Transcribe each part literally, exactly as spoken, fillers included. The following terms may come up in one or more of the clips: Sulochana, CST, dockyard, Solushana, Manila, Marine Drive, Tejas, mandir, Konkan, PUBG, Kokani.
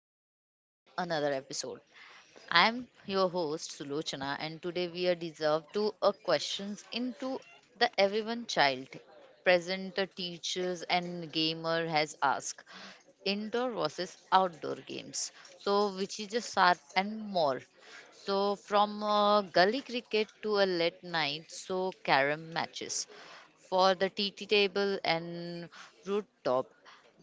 back to the another episode. I'm your host Sulochana, and today we are deserved to a questions into the everyone child present the teachers and gamer has asked indoor versus outdoor games, so which is a sharp and more. So from uh, gully cricket to a late night so carom matches for the T T table and rooftop.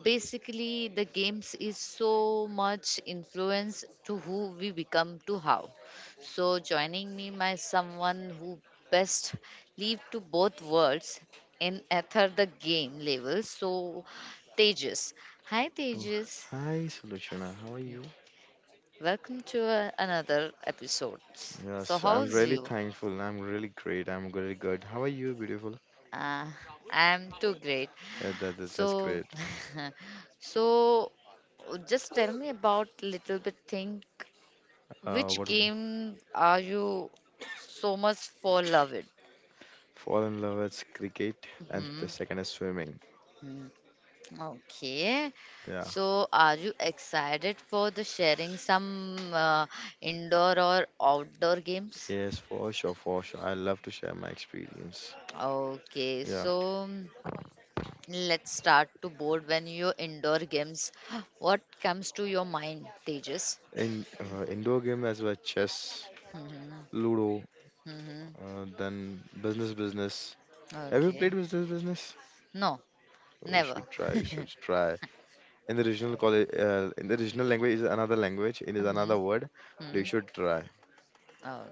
Basically, the games is so much influence to who we become to how. So joining me my someone who best live to both worlds in ether the game level. So Tejas, hi Oh, Tejas, hi, Solushana. How are you? welcome to uh, another episode. So Yes, I'm how's really you? thankful. I'm really great. I'm really good. How are you, beautiful? Uh, I'm too great. Uh, that, that, that's So, great. so just tell me about little bit think, Uh, which what w- game are you so much for love it? Fall in love is cricket, and the Hmm. second is swimming. Hmm. Okay. Yeah. So, are you excited for the sharing some uh, indoor or outdoor games? Yes, for sure, for sure. I love to share my experience. Okay, Yeah. so mm, let's start to board when your indoor games. What comes to your mind, Tejas? In uh, indoor game as well, chess, Mhm. Ludo, Mhm. uh, then business, business. Have you Okay. played business, business? No, We never. should try. You should try. In the original college, uh, in the original language, is another language, it is another Mhm. word, but you Mhm. should try.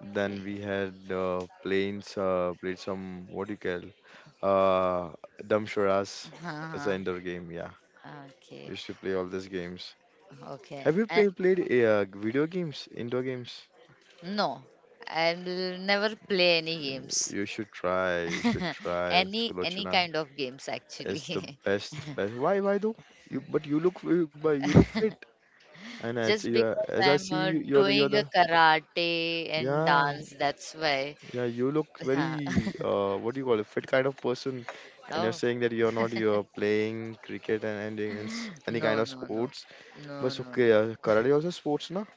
Then we had uh, planes uh, played some, what do you call, uh damshuras. It's an Uh-huh. indoor game, yeah. Okay. Used to play all these games. Okay. Have you Uh, play, played uh, video games, indoor games? no, I'll never play any Mm, games. you should try, you should try, any any sulochana. kind of games actually. It's the best best. why why though? You but you look but you look fit, and as Just you are- because as I I'm see uh, you, you're the you're doing a the karate and yeah. dance, that's why. Yeah, you look Yeah. very, uh, what do you call it, fit kind of person, and you're Oh, saying that you're not, you're playing cricket and, and in s- any kind no, of no, no. sports. But No, so, no, no. okay, uh, karate also sports, na?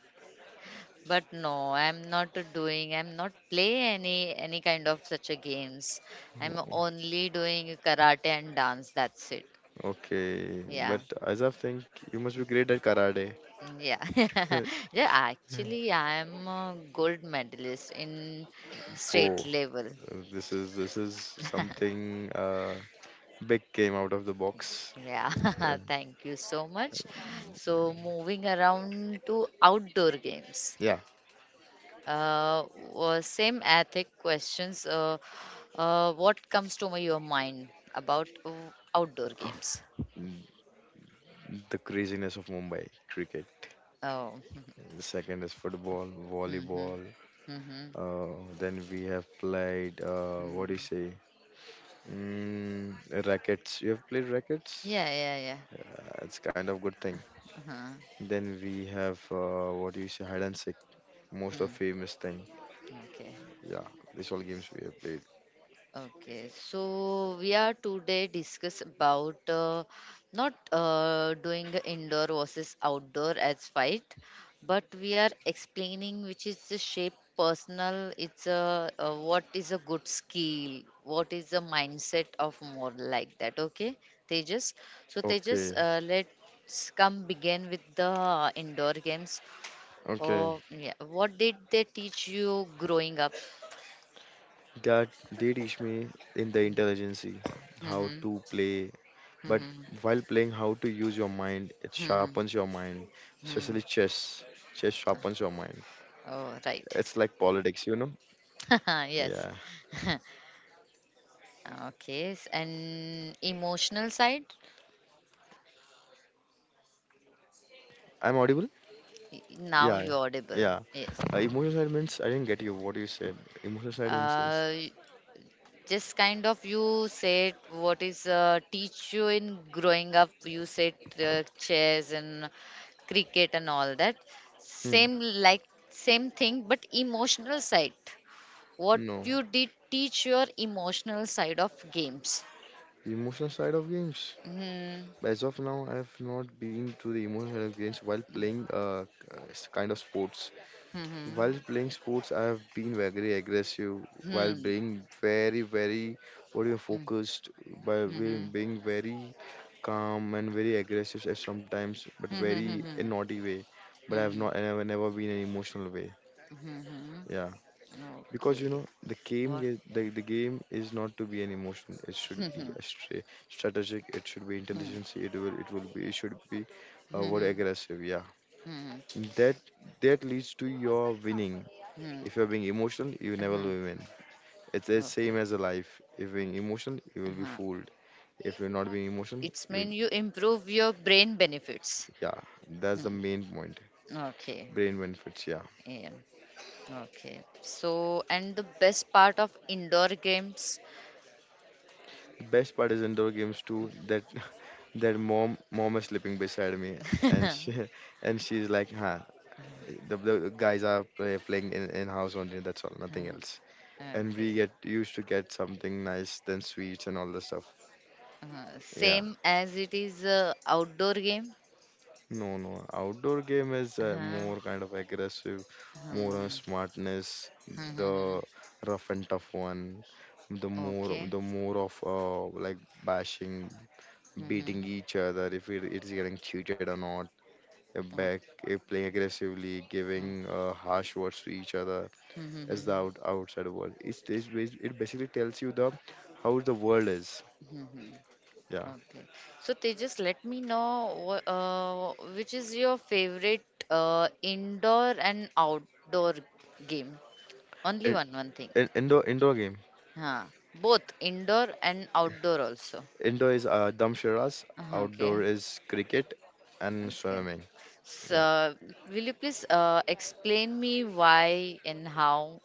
But no, I'm not doing, I'm not play any any kind of such a games. I'm only doing karate and dance. That's it. Okay, Yeah. but as I think you must be great at karate. Yeah. Yeah, actually I am a gold medalist in state Whoa, level. uh, this is, this is something, uh, big came out of the box. Yeah. And Thank you so much. So moving around to outdoor games. yeah, Uh, w- same ethic questions. Uh, uh, what comes to my- your mind about uh, outdoor games? mm, the craziness of Mumbai cricket. Oh, The second is football, mm-hmm, volleyball. mm-hmm, Uh, then we have played, uh, what do you mm-hmm. say? Mm, rackets. You have played rackets? Yeah, yeah, yeah. Uh, it's kind of good thing. Uh-huh. Then we have, uh, what do you say? Hide and seek. Most of Hmm. famous thing. Okay. Yeah, these all games we have played. Okay, so we are today discuss about uh, not uh, doing the indoor versus outdoor as fight, but we are explaining which is the shape personal. It's a uh, what is a good skill, what is the mindset of more like that. Okay, Tejas. So Tejas, Okay, uh, let's come begin with the indoor games. okay. Oh yeah, what did they teach you growing up? That they teach me in the intelligency how Mm-hmm. to play, but Mm-hmm. while playing, how to use your mind. It Mm-hmm. sharpens your mind, especially Hmm. chess. Chess sharpens your mind. Oh, right. It's like politics, you know? Yes. Yeah. Okay. s- And emotional side? I'm audible? Y- Now Yeah, you audible. yeah. Yes. Uh, emotional side means I didn't get you. What you said. Emotional side means is Uh, y- just kind of you said what is uh, teach you in growing up. You said uh, chess and cricket and all that. hmm. Same like same thing, but emotional side. What No, you did teach your emotional side of games. emotional side of games. Hmm. As of now, I have not been to the emotional side of games while playing uh uh, s- kind of sports. Hmm. Hmm. While playing sports, I have been very aggressive. While being very very, what do you Hmm. Hmm. focused, by being Mhm. being very calm and very aggressive at sometimes, but Mhm, very mhm, in naughty way. But I have mhm, not. I have never been in an emotional way. mhm, Yeah. mhm. Because you Okay. know the game What? is, the, the game is not to be an emotion, it should be Mhm, a stra- strategic, it should be mhm, intelligence, it will it will be it should be, uh, what, mhm, aggressive, yeah. mhm, That that leads to your winning. mhm, If you're being emotional you never mhm. will win. It's the Okay. same as a life, if you're being emotional you will be Uh-huh. fooled. If you're not being emotional It's you mean will, you improve your brain benefits. yeah, that's the Hmm. main point. Okay. Brain benefits, yeah. Yeah. Okay. So, and the best part of indoor games. The best part is indoor games too that their mom mom is sleeping beside me and she and she's like, huh, the, the the guys are play, playing in, in house only, that's all, nothing Mhm. else, and we Okay. get used to get something nice, then sweets and all the stuff. Uh, yeah, same as it is uh, outdoor game. no no outdoor game is uh, Uh-huh. more kind of aggressive, more on Mhm. smartness, the Mhm. rough and tough one, the more, Okay. the more of, uh, like bashing, Mm-hmm. beating each other, if it, it's getting cheated or not, uh, Oh, back, eh, playing aggressively, oh. giving uh, harsh words to each other, as the Mm-hmm. out- outside world. It's, it's bas- it basically tells you the how the world is. Mm-hmm. Yeah. Okay. So they just let me know wh- uh, which is your favorite uh, indoor and outdoor game? Only In, one, one thing. in, indoor indoor game. Huh. Both indoor and outdoor also. Indoor is uh, damshiras, Uh, outdoor Okay. is cricket and Okay. swimming. Yeah. So, will you please uh, explain me why and how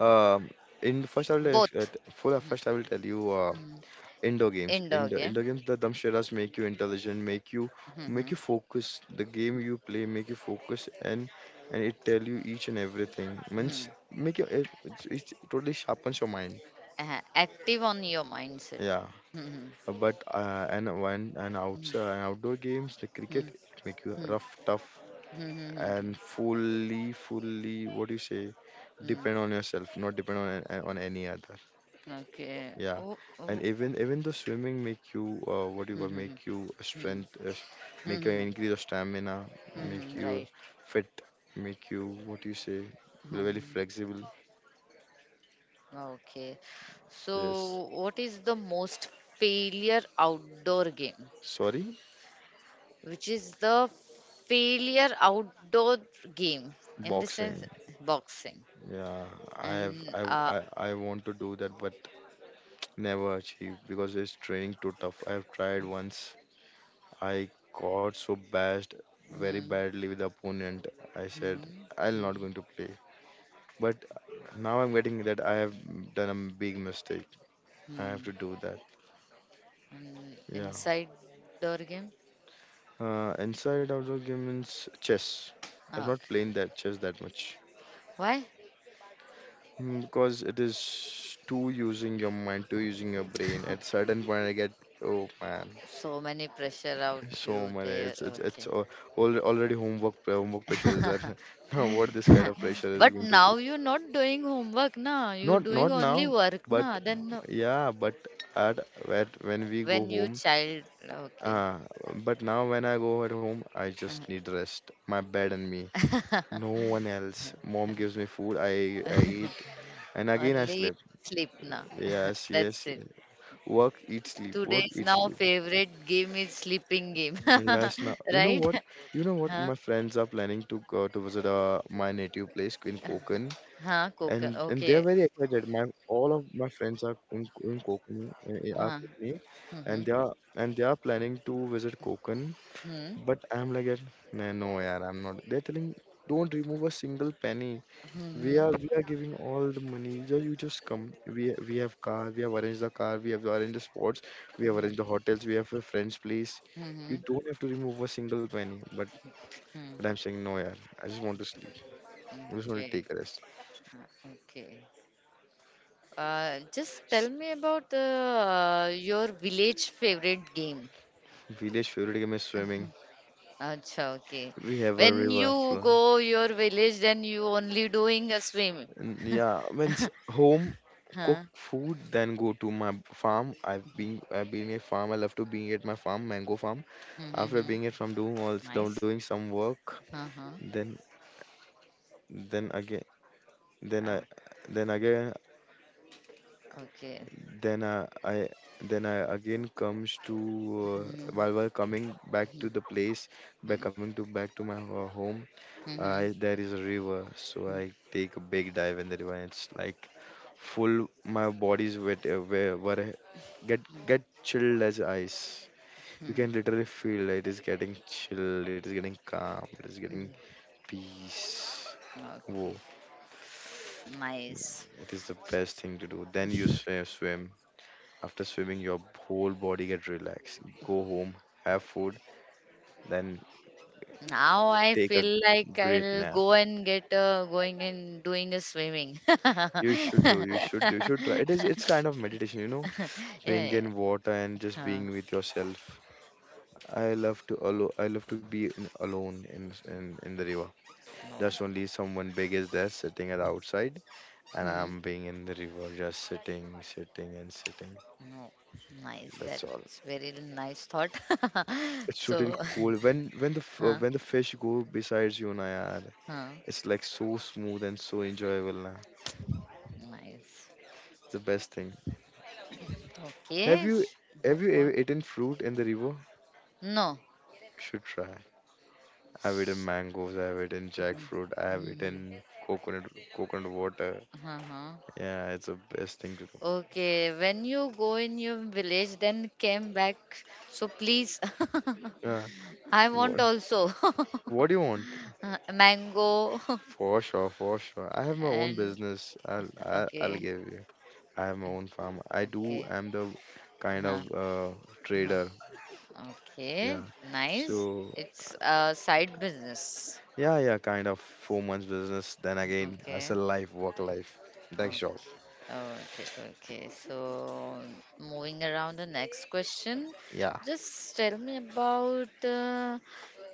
Um, in first I will ex- both. uh, t- Mhm. first I will tell you, uh, Mhm. indoor games. Indoor Indoor game? indoor games, the dhamshiras make you intelligent, make you, make Mm-hmm. you focus. The game you play make you focus and and it tell you each and everything. Mm-hmm. Means make you, it, it's, it totally sharpens your mind. Uh, active on your mindset. Yeah. Mhm. Uh, but uh, and one and Mm, outside and outdoor games, the cricket mm, it make you mm, rough, tough mm, mm, mm, mm. and fully, fully what do you say, Mm. depend on yourself, not depend on a- on any other. Okay. Yeah, Oh, and oh. even even the swimming make you, uh, what do you Mm, mm, call, mm, make you a mm, strength, uh, s- mm, make you mm, increase your stamina, make mm, you right. fit, make you what do you say, very Mhm. flexible. Okay. Yes. So, what is the most failure outdoor game? Sorry, Which is the failure outdoor game in the sense boxing. boxing Yeah, I have and I uh. I I want to do that, but never achieve because it's training too tough. I have tried once. I got so bashed very Mm, badly with the opponent. I said mm, I'm not mm, going to play. But now I'm getting that I have done a big mistake. I have mm. to do that. Um, Yeah. inside door game? Uh, inside outdoor game means chess. I've Ah, not okay. played that chess that much. Why? Mm, because it is too using your mind, too using your brain. At certain point, I get, oh man, So many pressure out so you many. there. It's it's it's Okay. all already homework pre- homework pressure is there. Now what this kind of pressure is But going to be? now you're not doing homework, na. You're Not doing not only now, work, but na. Then yeah, but at, at when we go when you home. child, okay. Uh, but now when I go at home, I just need rest, my bed and me. No one else. Mom gives me food, I I eat, and again I Only sleep. sleep, na. Yes, That's yes, it. yes. Work, eat, sleep. Work, Today's eat, now sleep. favorite game is sleeping game, Yes, now you know right? what? You know what? My Huh? friends are planning to go to visit uh, my native place in Konkan, Huh? Coca. and and they are Okay. very excited. My all of my friends are in in Kokani, uh, are Huh. Kokani, and Mm-hmm. they are and they are planning to visit Konkan. Hmm. But I'm like, that, nah, no, yeah, I'm not. They're telling, don't remove a single penny. Hmm. We Hmm. are we are giving all the money. Just, you just come. We we have car. We have arranged the car. We have arranged the sports. We have arranged the hotels. We have a friend's place. You Hmm. don't have to remove a single penny. But Hmm. Hmm. but I'm saying no, yeah. I just want to sleep. I just want to Okay. take a rest. Okay. Uh, just tell me about uh, your village favorite game. Village favorite game is swimming. Acha, okay. We have a When river you flow. go your village, then you only doing a swim. N- Yeah, once home, cook Huh? food, then go to my farm. I've been I've been a farm. I love to being at my farm, mango farm. After Mm-hmm. being at farm, doing all, doing Nice. doing some work, Uh-huh. then then again then Oh, I then again okay. then I, I then I again comes to, uh, while Mm-hmm. while coming back Mm-hmm. to the place, by coming to back to my ho- home. Mm-hmm. I, there is a river, so I take a big dive in the river. And it's like full. My body's wet. Uh, where were get get chilled as ice. You Mm-hmm. can literally feel it is getting chilled. It is getting calm. It is getting Mm-hmm. peace. Okay. Whoa! Nice. It is the best thing to do. Then you swim. Swim. After swimming, your whole body get relaxed. Go home, have food, then Now I take a feel like great I'll nap. go and get uh, going and doing a swimming. You should do. Yeah, You should. You should try. It is. It's kind of meditation, you know, being yeah. in water and just Huh. being with yourself. I love to alo- I love to be in, alone in, in in the river. Just only someone big is there sitting at outside, and Hmm. I'm being in the river, just sitting, sitting, and sitting. No, nice. That's all. That's very nice thought. It's totally So, cool. When when the f- uh, huh, when the fish go besides you, na yaar, huh, it's like so smooth and so enjoyable, na. nice. It's the best thing. Have Okay. you s- Huh, have you ever what? eaten fruit in the river? No. You should try. I've eaten mangoes, I've eaten jackfruit, I have eaten Mm-hmm. coconut, coconut water. Uh-huh. Yeah, it's the best thing to do. Okay, when you go in your village, then came back. So please, Yeah. I want What also. what do you want? Uh, mango. For sure, for sure. I have my own And business. I'll I'll, I'll okay, give you. I have my own farm. I do. okay, I'm the kind huh, of, uh, trader. huh, okay, Yeah. nice. So It's a side business. yeah, yeah, kind of four months business. Then again, Okay, hustle life, work life, that okay. job. Okay, okay. So, moving around the next question, Yeah. just tell me about uh,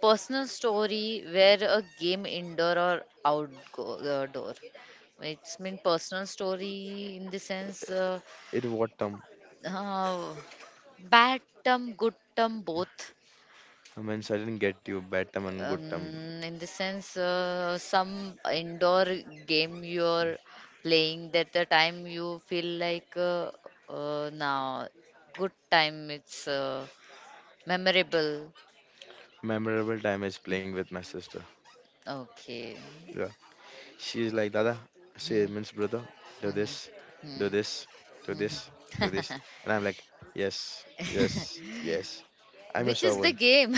personal story where a game indoor or outdoor. It's mean personal story in the sense uh, It what term? uh, bad term, good term, both. I mean, so I didn't get you, bad term and good term. Um, in the sense uh, some indoor game you're playing that the time you feel like uh, uh, now good time it's uh, memorable. Memorable time is playing with my sister. Okay. Yeah. She's like, Dada, she Hmm, means brother, do mhm, this, do hmm, this, do mhm. this, do this. And I'm like, yes, yes, yes. I'm a Which is the servant. game?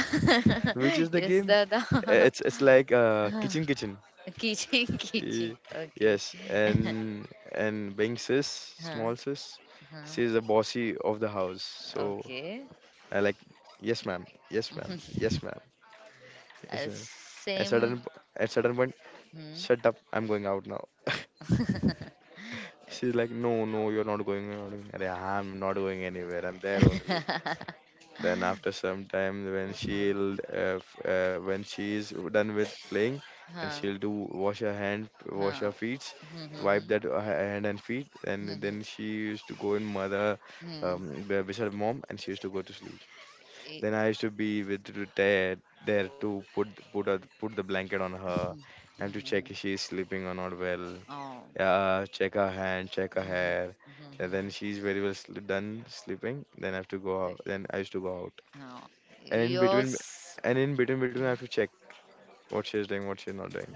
Which is the Yes game? dada. Uh, It's it's like uh kitchen kitchen. Kitchen kitchen, Y- okay. Yes, and and being sis, Huh, small sis, huh. she's the bossy of the house. So Okay. I like, yes ma'am, yes ma'am, yes ma'am, yes uh, ma'am. At certain same. po- at certain point, Hmm, "Shut up, I'm going out now." She's like, "No, no, you're not going, you're not going." Arey, I'm not going anywhere, I'm there only. Then after some time when she'll uh, f- uh, when she's done with playing and huh. she'll do wash her hand, wash her Huh. feet, wipe Mm-hmm. that uh, hand and feet, and Mm-hmm. then she used to go in mother, Mm-hmm. um, be- beside mom, and she used to go to sleep. Then I used to be with to there, there to put, put a, put the blanket on her, and to check Mm-hmm. if she is sleeping or not well. Oh. Mm-hmm. Mm-hmm. Oh. Yeah, check her hand, check her hmm, hair. Hmm, hmm, And then hmm, she's very well sl- done sleeping. Then I have to go eh, out. Then I used to go out. हाँ. And in between, Yours, and in between, between I have to check what she's doing, what she's not doing.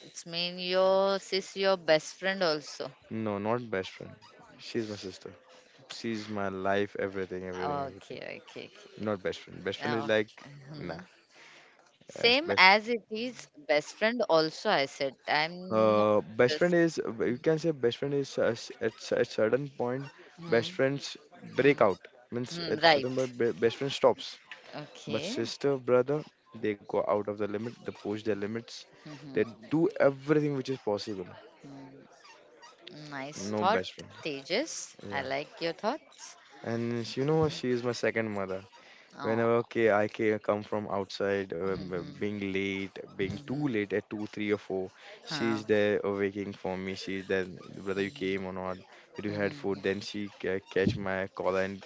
it's mean yours is your best friend also. No, not best friend. She's my sister. She's my life, everything, everything, everything. Okay, okay, okay. Not best friend. Best friend is Oh. like, nah. Mhm. Yes, Same best. as it is best friend also, I said. I'm not Uh, best this. friend is, you can say, best friend is us- at a certain point, Hmm. best friends Hmm. break out. Means Hmm. at Right. certain point, be- best friend stops. But Okay. sister, brother, they go out of the limit, they push their limits, they Mhm. do everything which is possible. Hmm. Nice No thought, best friend. Tejas. I Yeah. like your thoughts. And she- you know, Mm-hmm. she is my second mother. Oh. Whenever, okay, I ca- come from outside, um, uh, b- Mhm. being late, being Mhm. too late at two, three or four, Huh. she's there uh, waking for me. She's there, "Brother, you Mhm. came or not? Did you had food?" Mhm. Then she ca- catch my collar and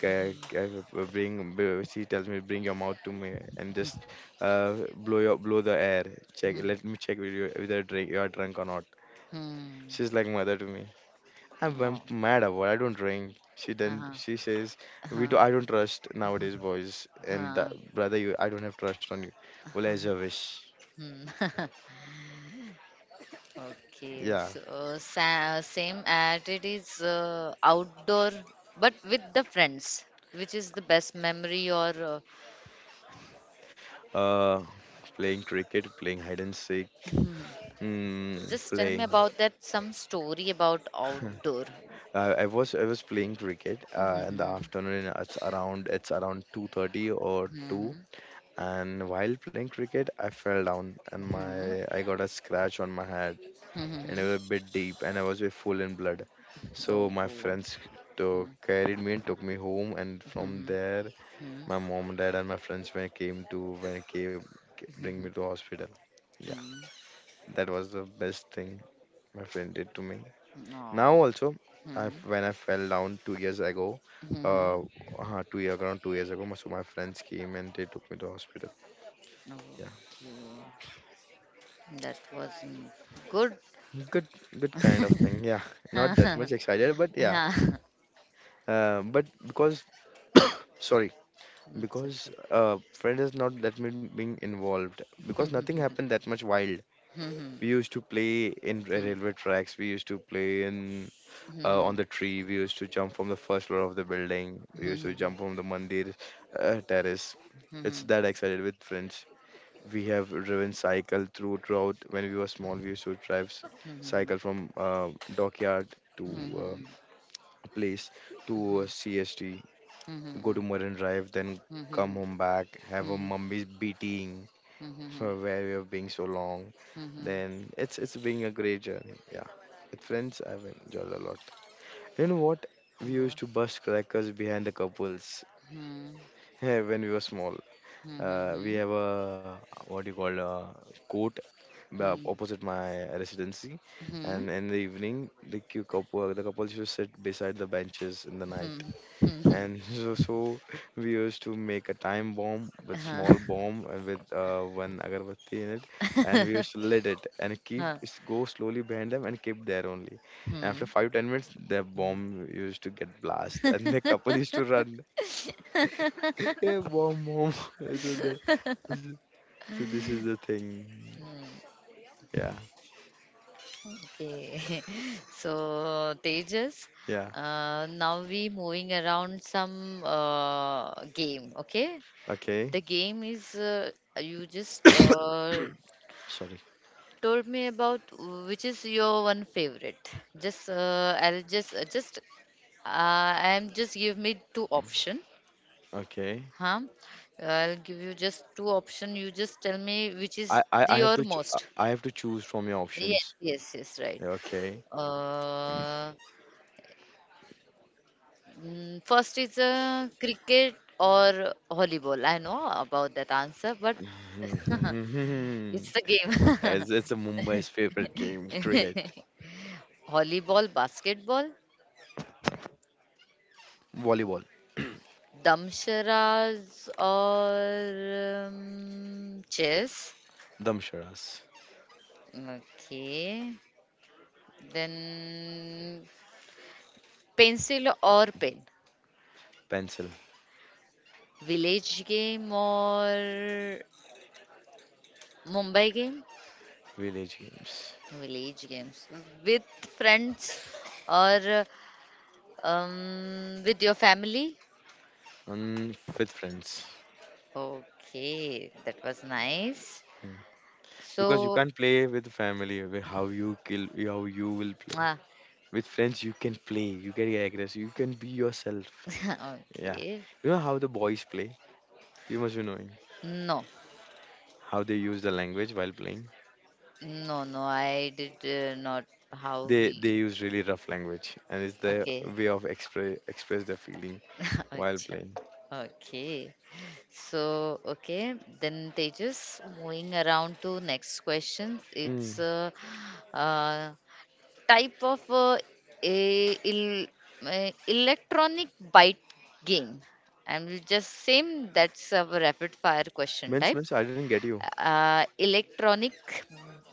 ca- ca- uh, bring b- she tells me, "Bring your mouth to me and just uh, blow your, blow the air, check, Mhm. let me check with you whether drink you are drunk or not." Mhm. She's like mother to me. i'm, I'm Oh. mad about, I don't drink. She, then Uh-huh. she says, "We Uh-huh. do, I don't trust nowadays boys and that, Uh-huh. brother, you, I don't have trust on you." Well, as your wish. Hmm. Okay, Yeah. so sa- same at it is uh, outdoor but with the friends, which is the best memory or uh, uh Playing cricket, playing hide and seek. hmm. Hmm, Just tell me playing. about that some story about outdoor. I, I was I was playing cricket uh, in the Mhm. afternoon. Uh, It's around it's around two thirty or two. Mhm. And while playing cricket, I fell down and Mhm. my I got a scratch on my head, and it Mhm. was a bit deep and I was uh, full in blood. So my Oh. friends took, carried me and took me home, and from Mhm. there Mhm. my mom, dad and my friends when came to when came, bring me Mhm. to hospital. Yeah, Mhm. that was the best thing my friend did to me. Now Oh. also, I Mhm. when I fell down two years ago, Mhm. uh, uh two year around two years ago, my- so my friends came and they took me to hospital. Okay. Yeah, That was mm, good. good, good kind of thing. Yeah, not that much excited, but yeah, Yeah. uh, but because sorry, It's because okay. uh friend is not that much being involved because nothing happened that much wild. We Mhm, used to play in ra- mhm, railway tracks, we used to play in uh, on mhm, the tree. We used to jump from the first floor of the building. We mhm, used to mhm, jump from the mandir uh, terrace. It's mhm, that excited with friends. We have driven cycle through throughout when we were small. We used to drive s- cycle mhm, from uh, dockyard to uh, mhm, a place, to a C S T, go to Marine Drive, then come home back, have a mhm, mummy's beating for mhm, where we have been so long. mhm, mhm. Then it's it's been a great journey. Yeah, with friends I've enjoyed a lot. You know what? We What? used to bust crackers behind the couples Mhm, when we were small. mhm, Uh, we mhm, have a, what do you call, a court uh, opposite my residency, mhm, and in the evening, the cou- couple the couples used to sit beside the benches in the night, mhm, mhm. and so, so we used to make a time bomb with Uh-huh. small bomb and with uh, one agarbatti in it, and we used to lit it and keep Huh. s- go slowly behind them and keep there only. After Hmm. five ten minutes, the bomb used to get blast, Hmm. and the couple used to run. Yeah, bomb bomb. so, the, so so this is the thing. Hmm, Yeah. okay. So, Tejas, Yeah, uh, now we moving around some uh, game, okay? The okay. game is uh, you just uh, Sorry. told me about which is your one favorite. Just uh, I'll just uh, just uh, I'm just give me two option. Okay. Huh? I'll give you just two option. You just tell me which i is i, the I have your to ch- i most. I have to choose from your Yes, options. yes, yes, right. Yeah, okay. Uh, mm, first is uh, cricket or volleyball. I know about that answer, but it's the game. As it's a Mumbai's favorite game, cricket. Volleyball, basketball, Volleyball. damsharas or um, chess. Damsharas. Okay. Then pencil or pen. Pencil. Village game or Mumbai game? Village games. Village games. With friends or um, with your family? And with friends. Okay, that was nice. Mm. Because you So, can't play with family, with how you kill, how you will play. ah, With friends, you can play, you can get aggressive, you can be yourself. Yeah, okay. you know how the boys play. You must be knowing No, how they use the language while playing. no, no, I did uh, not. How They they we. use really rough language, and it's their Okay. way of express express their feeling while Acha. playing. Okay. So, okay, then Tejas, moving around to next question. It's Mm. a, uh type of uh, a, il, uh, electronic bite game. And we'll just same that's a rapid fire question Mince, type mince, I didn't get you. uh, electronic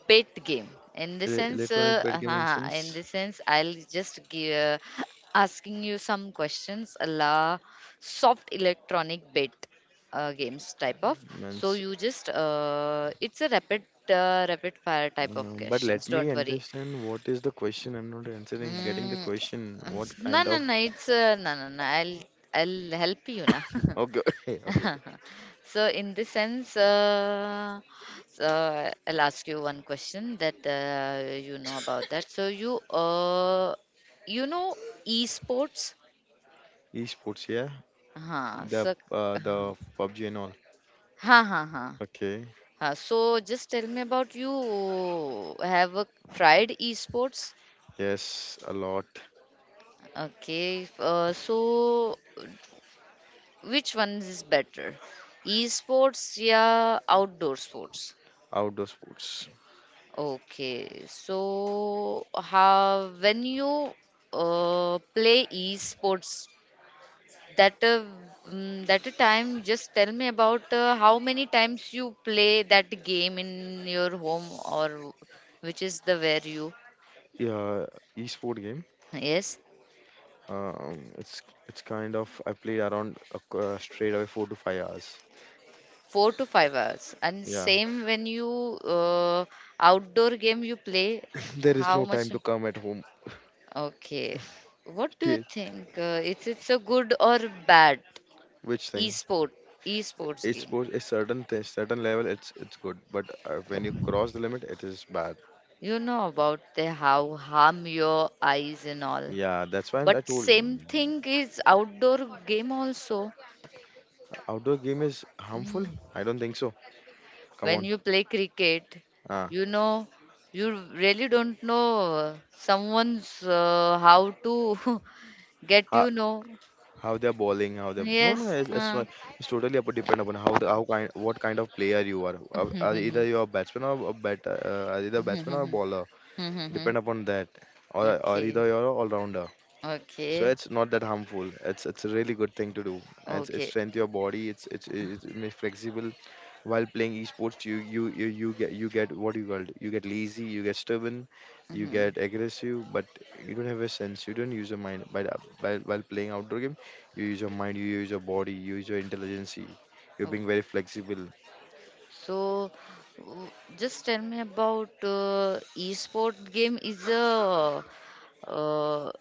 bet game in the E- sense Electronic uh, bed game uh, in the instance. sense I'll just give uh, asking you some questions a la soft electronic bet uh, games type of so Mince. you just uh, it's a rapid uh, rapid fire type of Uh, but let questions me don't worry understand what is the question. I'm not answering, getting the mm, question. What no kind no of. no it's uh, no no no i'll i'll help you now. Okay, okay, okay. So in this sense, uh, so I'll ask you one question that uh, you know about that. So you uh, you know esports? Esports, yeah. Huh. The So uh, huh, the P U B G and all. huh, huh. Okay. Huh. So just tell me about you have uh, tried esports? Yes, a lot. Okay. Uh, so which one is better? Esports, yeah, outdoor sports. Outdoor sports. Okay, so how when you uh, play esports, that uh, mm, that a time, just tell me about uh, how many times you play that game in your home or which is the where you Yeah, esport game. yes Um, it's it's kind of, I played around a c- uh, straight away four to five hours. four to five hours and Yeah, same when you uh, outdoor game you play there is how no time much to come at home. okay what do you T- think uh, it's it's a good or bad Which thing? esport esports It's game for a certain thing, certain level, it's it's good, but uh, when you cross the limit it is bad. you know about the how harm your eyes and all Yeah, that's why but I told, same mm, thing is outdoor game also. outdoor game is harmful, Mm. I don't think so. Come When on. you play cricket uh, you know you really don't know uh, someone's uh, how to get how, you know how they're bowling, how they, no no, yes it's, it's huh. not. It's totally up depend upon how the, how kind, what kind of player you are. Uh, uh, either you're a batsman or a bat uh, either batsman or bowler, depend upon that. or or Okay, either you're all rounder. So okay, it's not that harmful, it's it's a really good thing to do. it's it's okay. strength your body, it's it's it's it make flexible. While playing esports, you you you, you get, you get, what you call it, you get lazy, you get stubborn, you Mhm. get aggressive. But you don't have a sense, you don't use your mind. By, the- by While playing outdoor game, you use your mind, you use your body, you use your intelligence, you're being very flexible. So, w- just tell me about uh, esport game is a uh,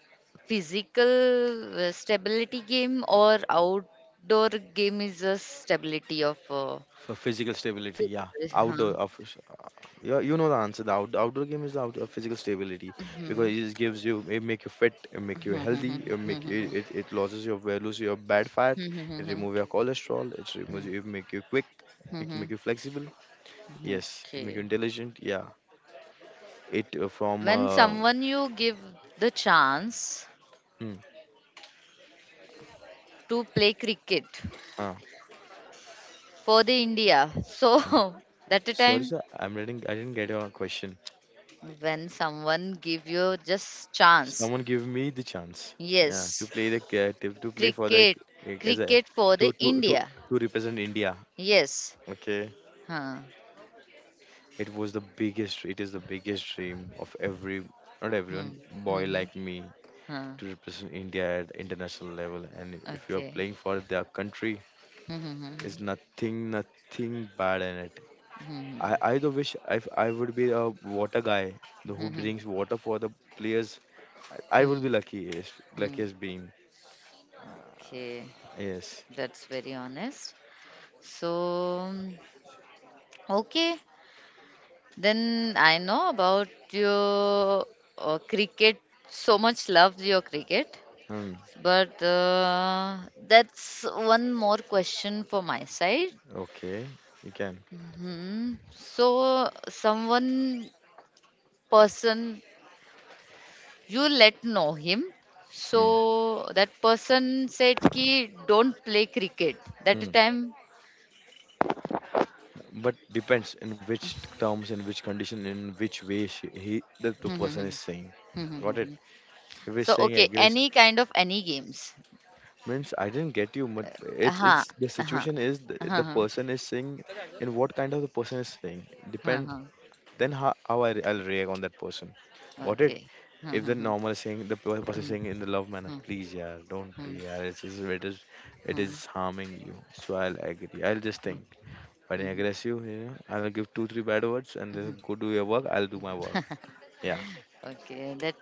physical uh, stability game or outdoor game is a stability of uh, For physical stability, yeah. physical. Huh? Outdoor, of uh, yeah, you know the answer. The out, outdoor game is the outdoor physical stability, because Mhm. it just gives you, it make you fit, it make you healthy, it make it, it, it loses your values, your bad fat, it remove your cholesterol, it removes, it make you quick, it make you flexible. Yes, it make you Okay. intelligent. Yeah, it uh, from When uh, someone you give the chance hmm, to play cricket uh, for the India, so hmm. that a Sorry time sir, I'm reading. I didn't get your question. when someone give you just chance Someone give me the chance, yeah, to yes play the ca- to, to play for the, cricket c- as a, cricket for the to to to india to represent India. yes Okay, huh. it was the biggest. It is the biggest dream of every, not Hmm. everyone, Hmm. boy Hmm. like me Huh. to represent India at international level. And if you are Okay. playing for their country, Hmm. Hmm. is nothing, nothing bad in it. Hmm. I I do wish I I would be a water guy, Hmm. the Hmm. who Hmm. Hmm. brings water for the players. I, I will Hmm. be lucky, Hmm. luckiest being. Ah, Okay, yes. that's very honest. So okay, then I know about your uh, cricket so much love your cricket. Mm. But uh, that's one more question for my side. Okay. You can. Hmm. So, someone person you let know him. Mm. So that person said ki don't play cricket. That Mm. time. But depends in which terms, in which condition, in which way she, he, that the person is saying. Got it? If he's So saying okay, aggressive, any kind of any games. means I didn't get you. But it's Uh-huh. it's the Uh-huh. situation is, the, the Uh-huh. person is saying in what kind of, the person is saying, depend. Uh-huh. Then how how I re- I'll react on that person. Got it? Okay. If the Hmm, normal saying the per- person saying in the love manner, hmm, hmm. please, yeah, don't play, Hmm, yeah. It's just, it is, it hmm, hmm, hmm, is harming you. So I'll agree. I'll just think. When I hmm, aggress you, you know, I'll give two three bad words and then hmm. go do your work. I'll do my work. Yeah, Okay, that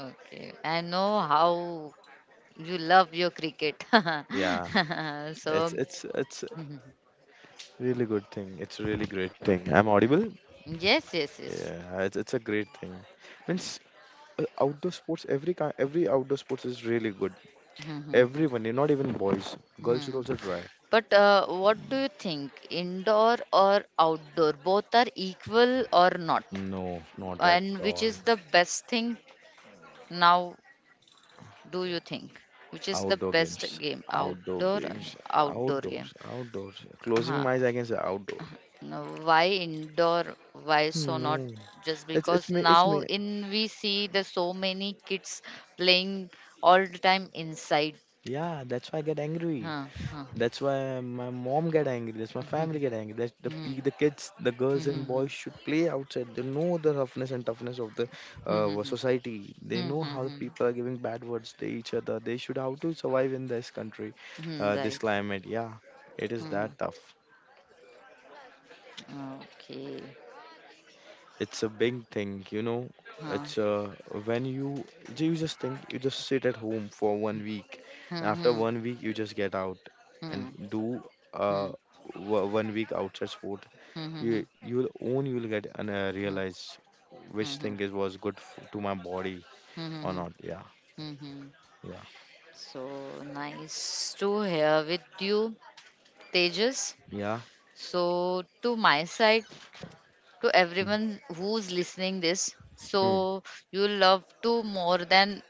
okay. I know how you love your cricket. yeah. It's So, it's It's mhm. really good thing. It's really great thing. I'm audible. Yes, yes, yes. Yeah, it's it's a great thing. Means uh, outdoor sports. Every kind, every outdoor sports is really good. Everyone, you're not even boys. Girls should Hmm. also try. But uh, what do you think? Indoor or outdoor? Both are equal or not? No, not at And which all. is the best thing now, do you think? Which is the Outdoor best games. game? Outdoor Outdoor, games. outdoor game. Outdoors. Outdoors. Ha. Closing my eyes, I can say outdoor. Now, why indoor? Why so not No. just It's it's because me It's now me. in we see the so many kids playing all the time inside. Yeah, that's why I get angry. Huh, huh. That's why my mom get angry. That's my family get angry. That's the Hmm, pe- the kids, the girls and hmm, boys should play outside. They know the roughness and toughness of the hmm, hmm, uh, hmm, society. They hmm, know hmm, how hmm, people are giving bad words to each other. They should how to survive in this country, hmm, uh, this right. climate. Yeah, it is Hmm, that tough. okay. It's a big thing, you know. Huh. It's uh, when you ju- you just think, you just sit at home for one week, and after Hmm, one week you just get out hmm, and do hmm, uh hmm, wo- one week outside sport. hmm, hmm, You you'll own you'll get and uh, hmm, realize which hmm, hmm, thing is was good f to my body hmm, or hmm, not. Yeah, hmm. Hmm. yeah, So nice to hear with you, Tejas. yeah. So to my side, to Mm. everyone who's listening this, Mm. so you love to more than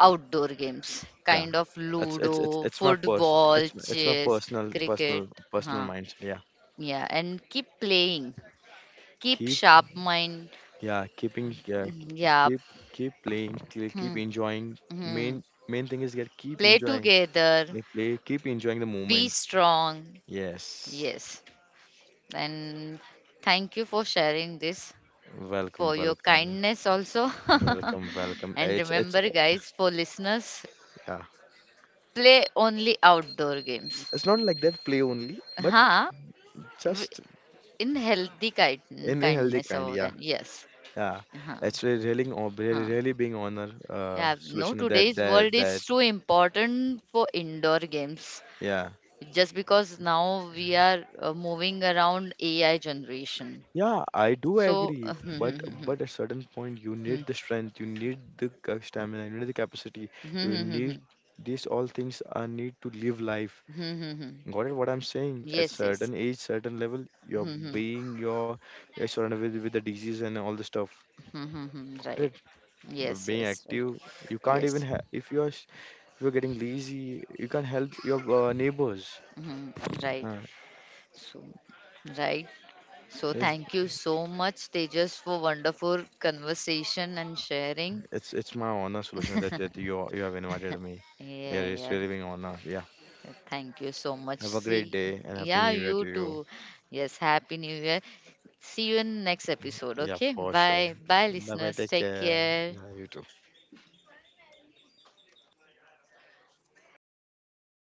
outdoor games, Yeah, kind of it's it's it's Ludo, it's my pers football, it's my- it's my chess, personal, cricket, personal, personal huh? mindset. Yeah, Yeah, and keep playing, keep keep. sharp mind. Yeah, keeping yeah, Mm, k- Yeah, keep, keep playing, keep keep hmm, enjoying. hmm. Main main thing is get keep Play enjoying. together, Yeah, play, keep enjoying the be moment. strong. Yes. Yes, and thank you for sharing this. Welcome, For your welcome, kindness also. welcome, welcome, welcome. And It's it's remember, uh, guys, for listeners, yeah. play only outdoor games. It's not like that play only, but Huh? w- just In healthy in kind- a healthy kindness kind. over Yeah, them. Yes. yeah. Huh. It's re- really, hon- really, Huh. really being honor uh Yeah, no, solution that today's world that that, is too important for indoor games yeah. just because now we are uh, moving around A I generation. Yeah, I do So, agree, but but at certain point you need the strength, you need the ca- stamina, you need the capacity, you need, these all things are need to live life. Got it? What I'm saying? At yes, certain age, certain level, you're yes. being you're, you're surrounded with with the disease and all the stuff. Mm-hmm. Got Right. it? B- Yes, Being yes, right. active, you can't even Yes. ha if you're s- if you're getting lazy, you can't help your uh, neighbors. Hmm. Right. Uh, So, right. So, it's thank you so much, Tejas, for wonderful conversation and sharing. it's it's my honor, solution that that you you have invited me. Yeah, Yeah, it's yeah. really being honor. Yeah. Thank you so much. Have a great See, day and happy yeah, new year you to you. too. Yes, Happy New Year. See you in next episode. Yeah, Okay. for sure. Bye. Bye, Bye bye. listeners. Take Take care. care. Yeah, you too.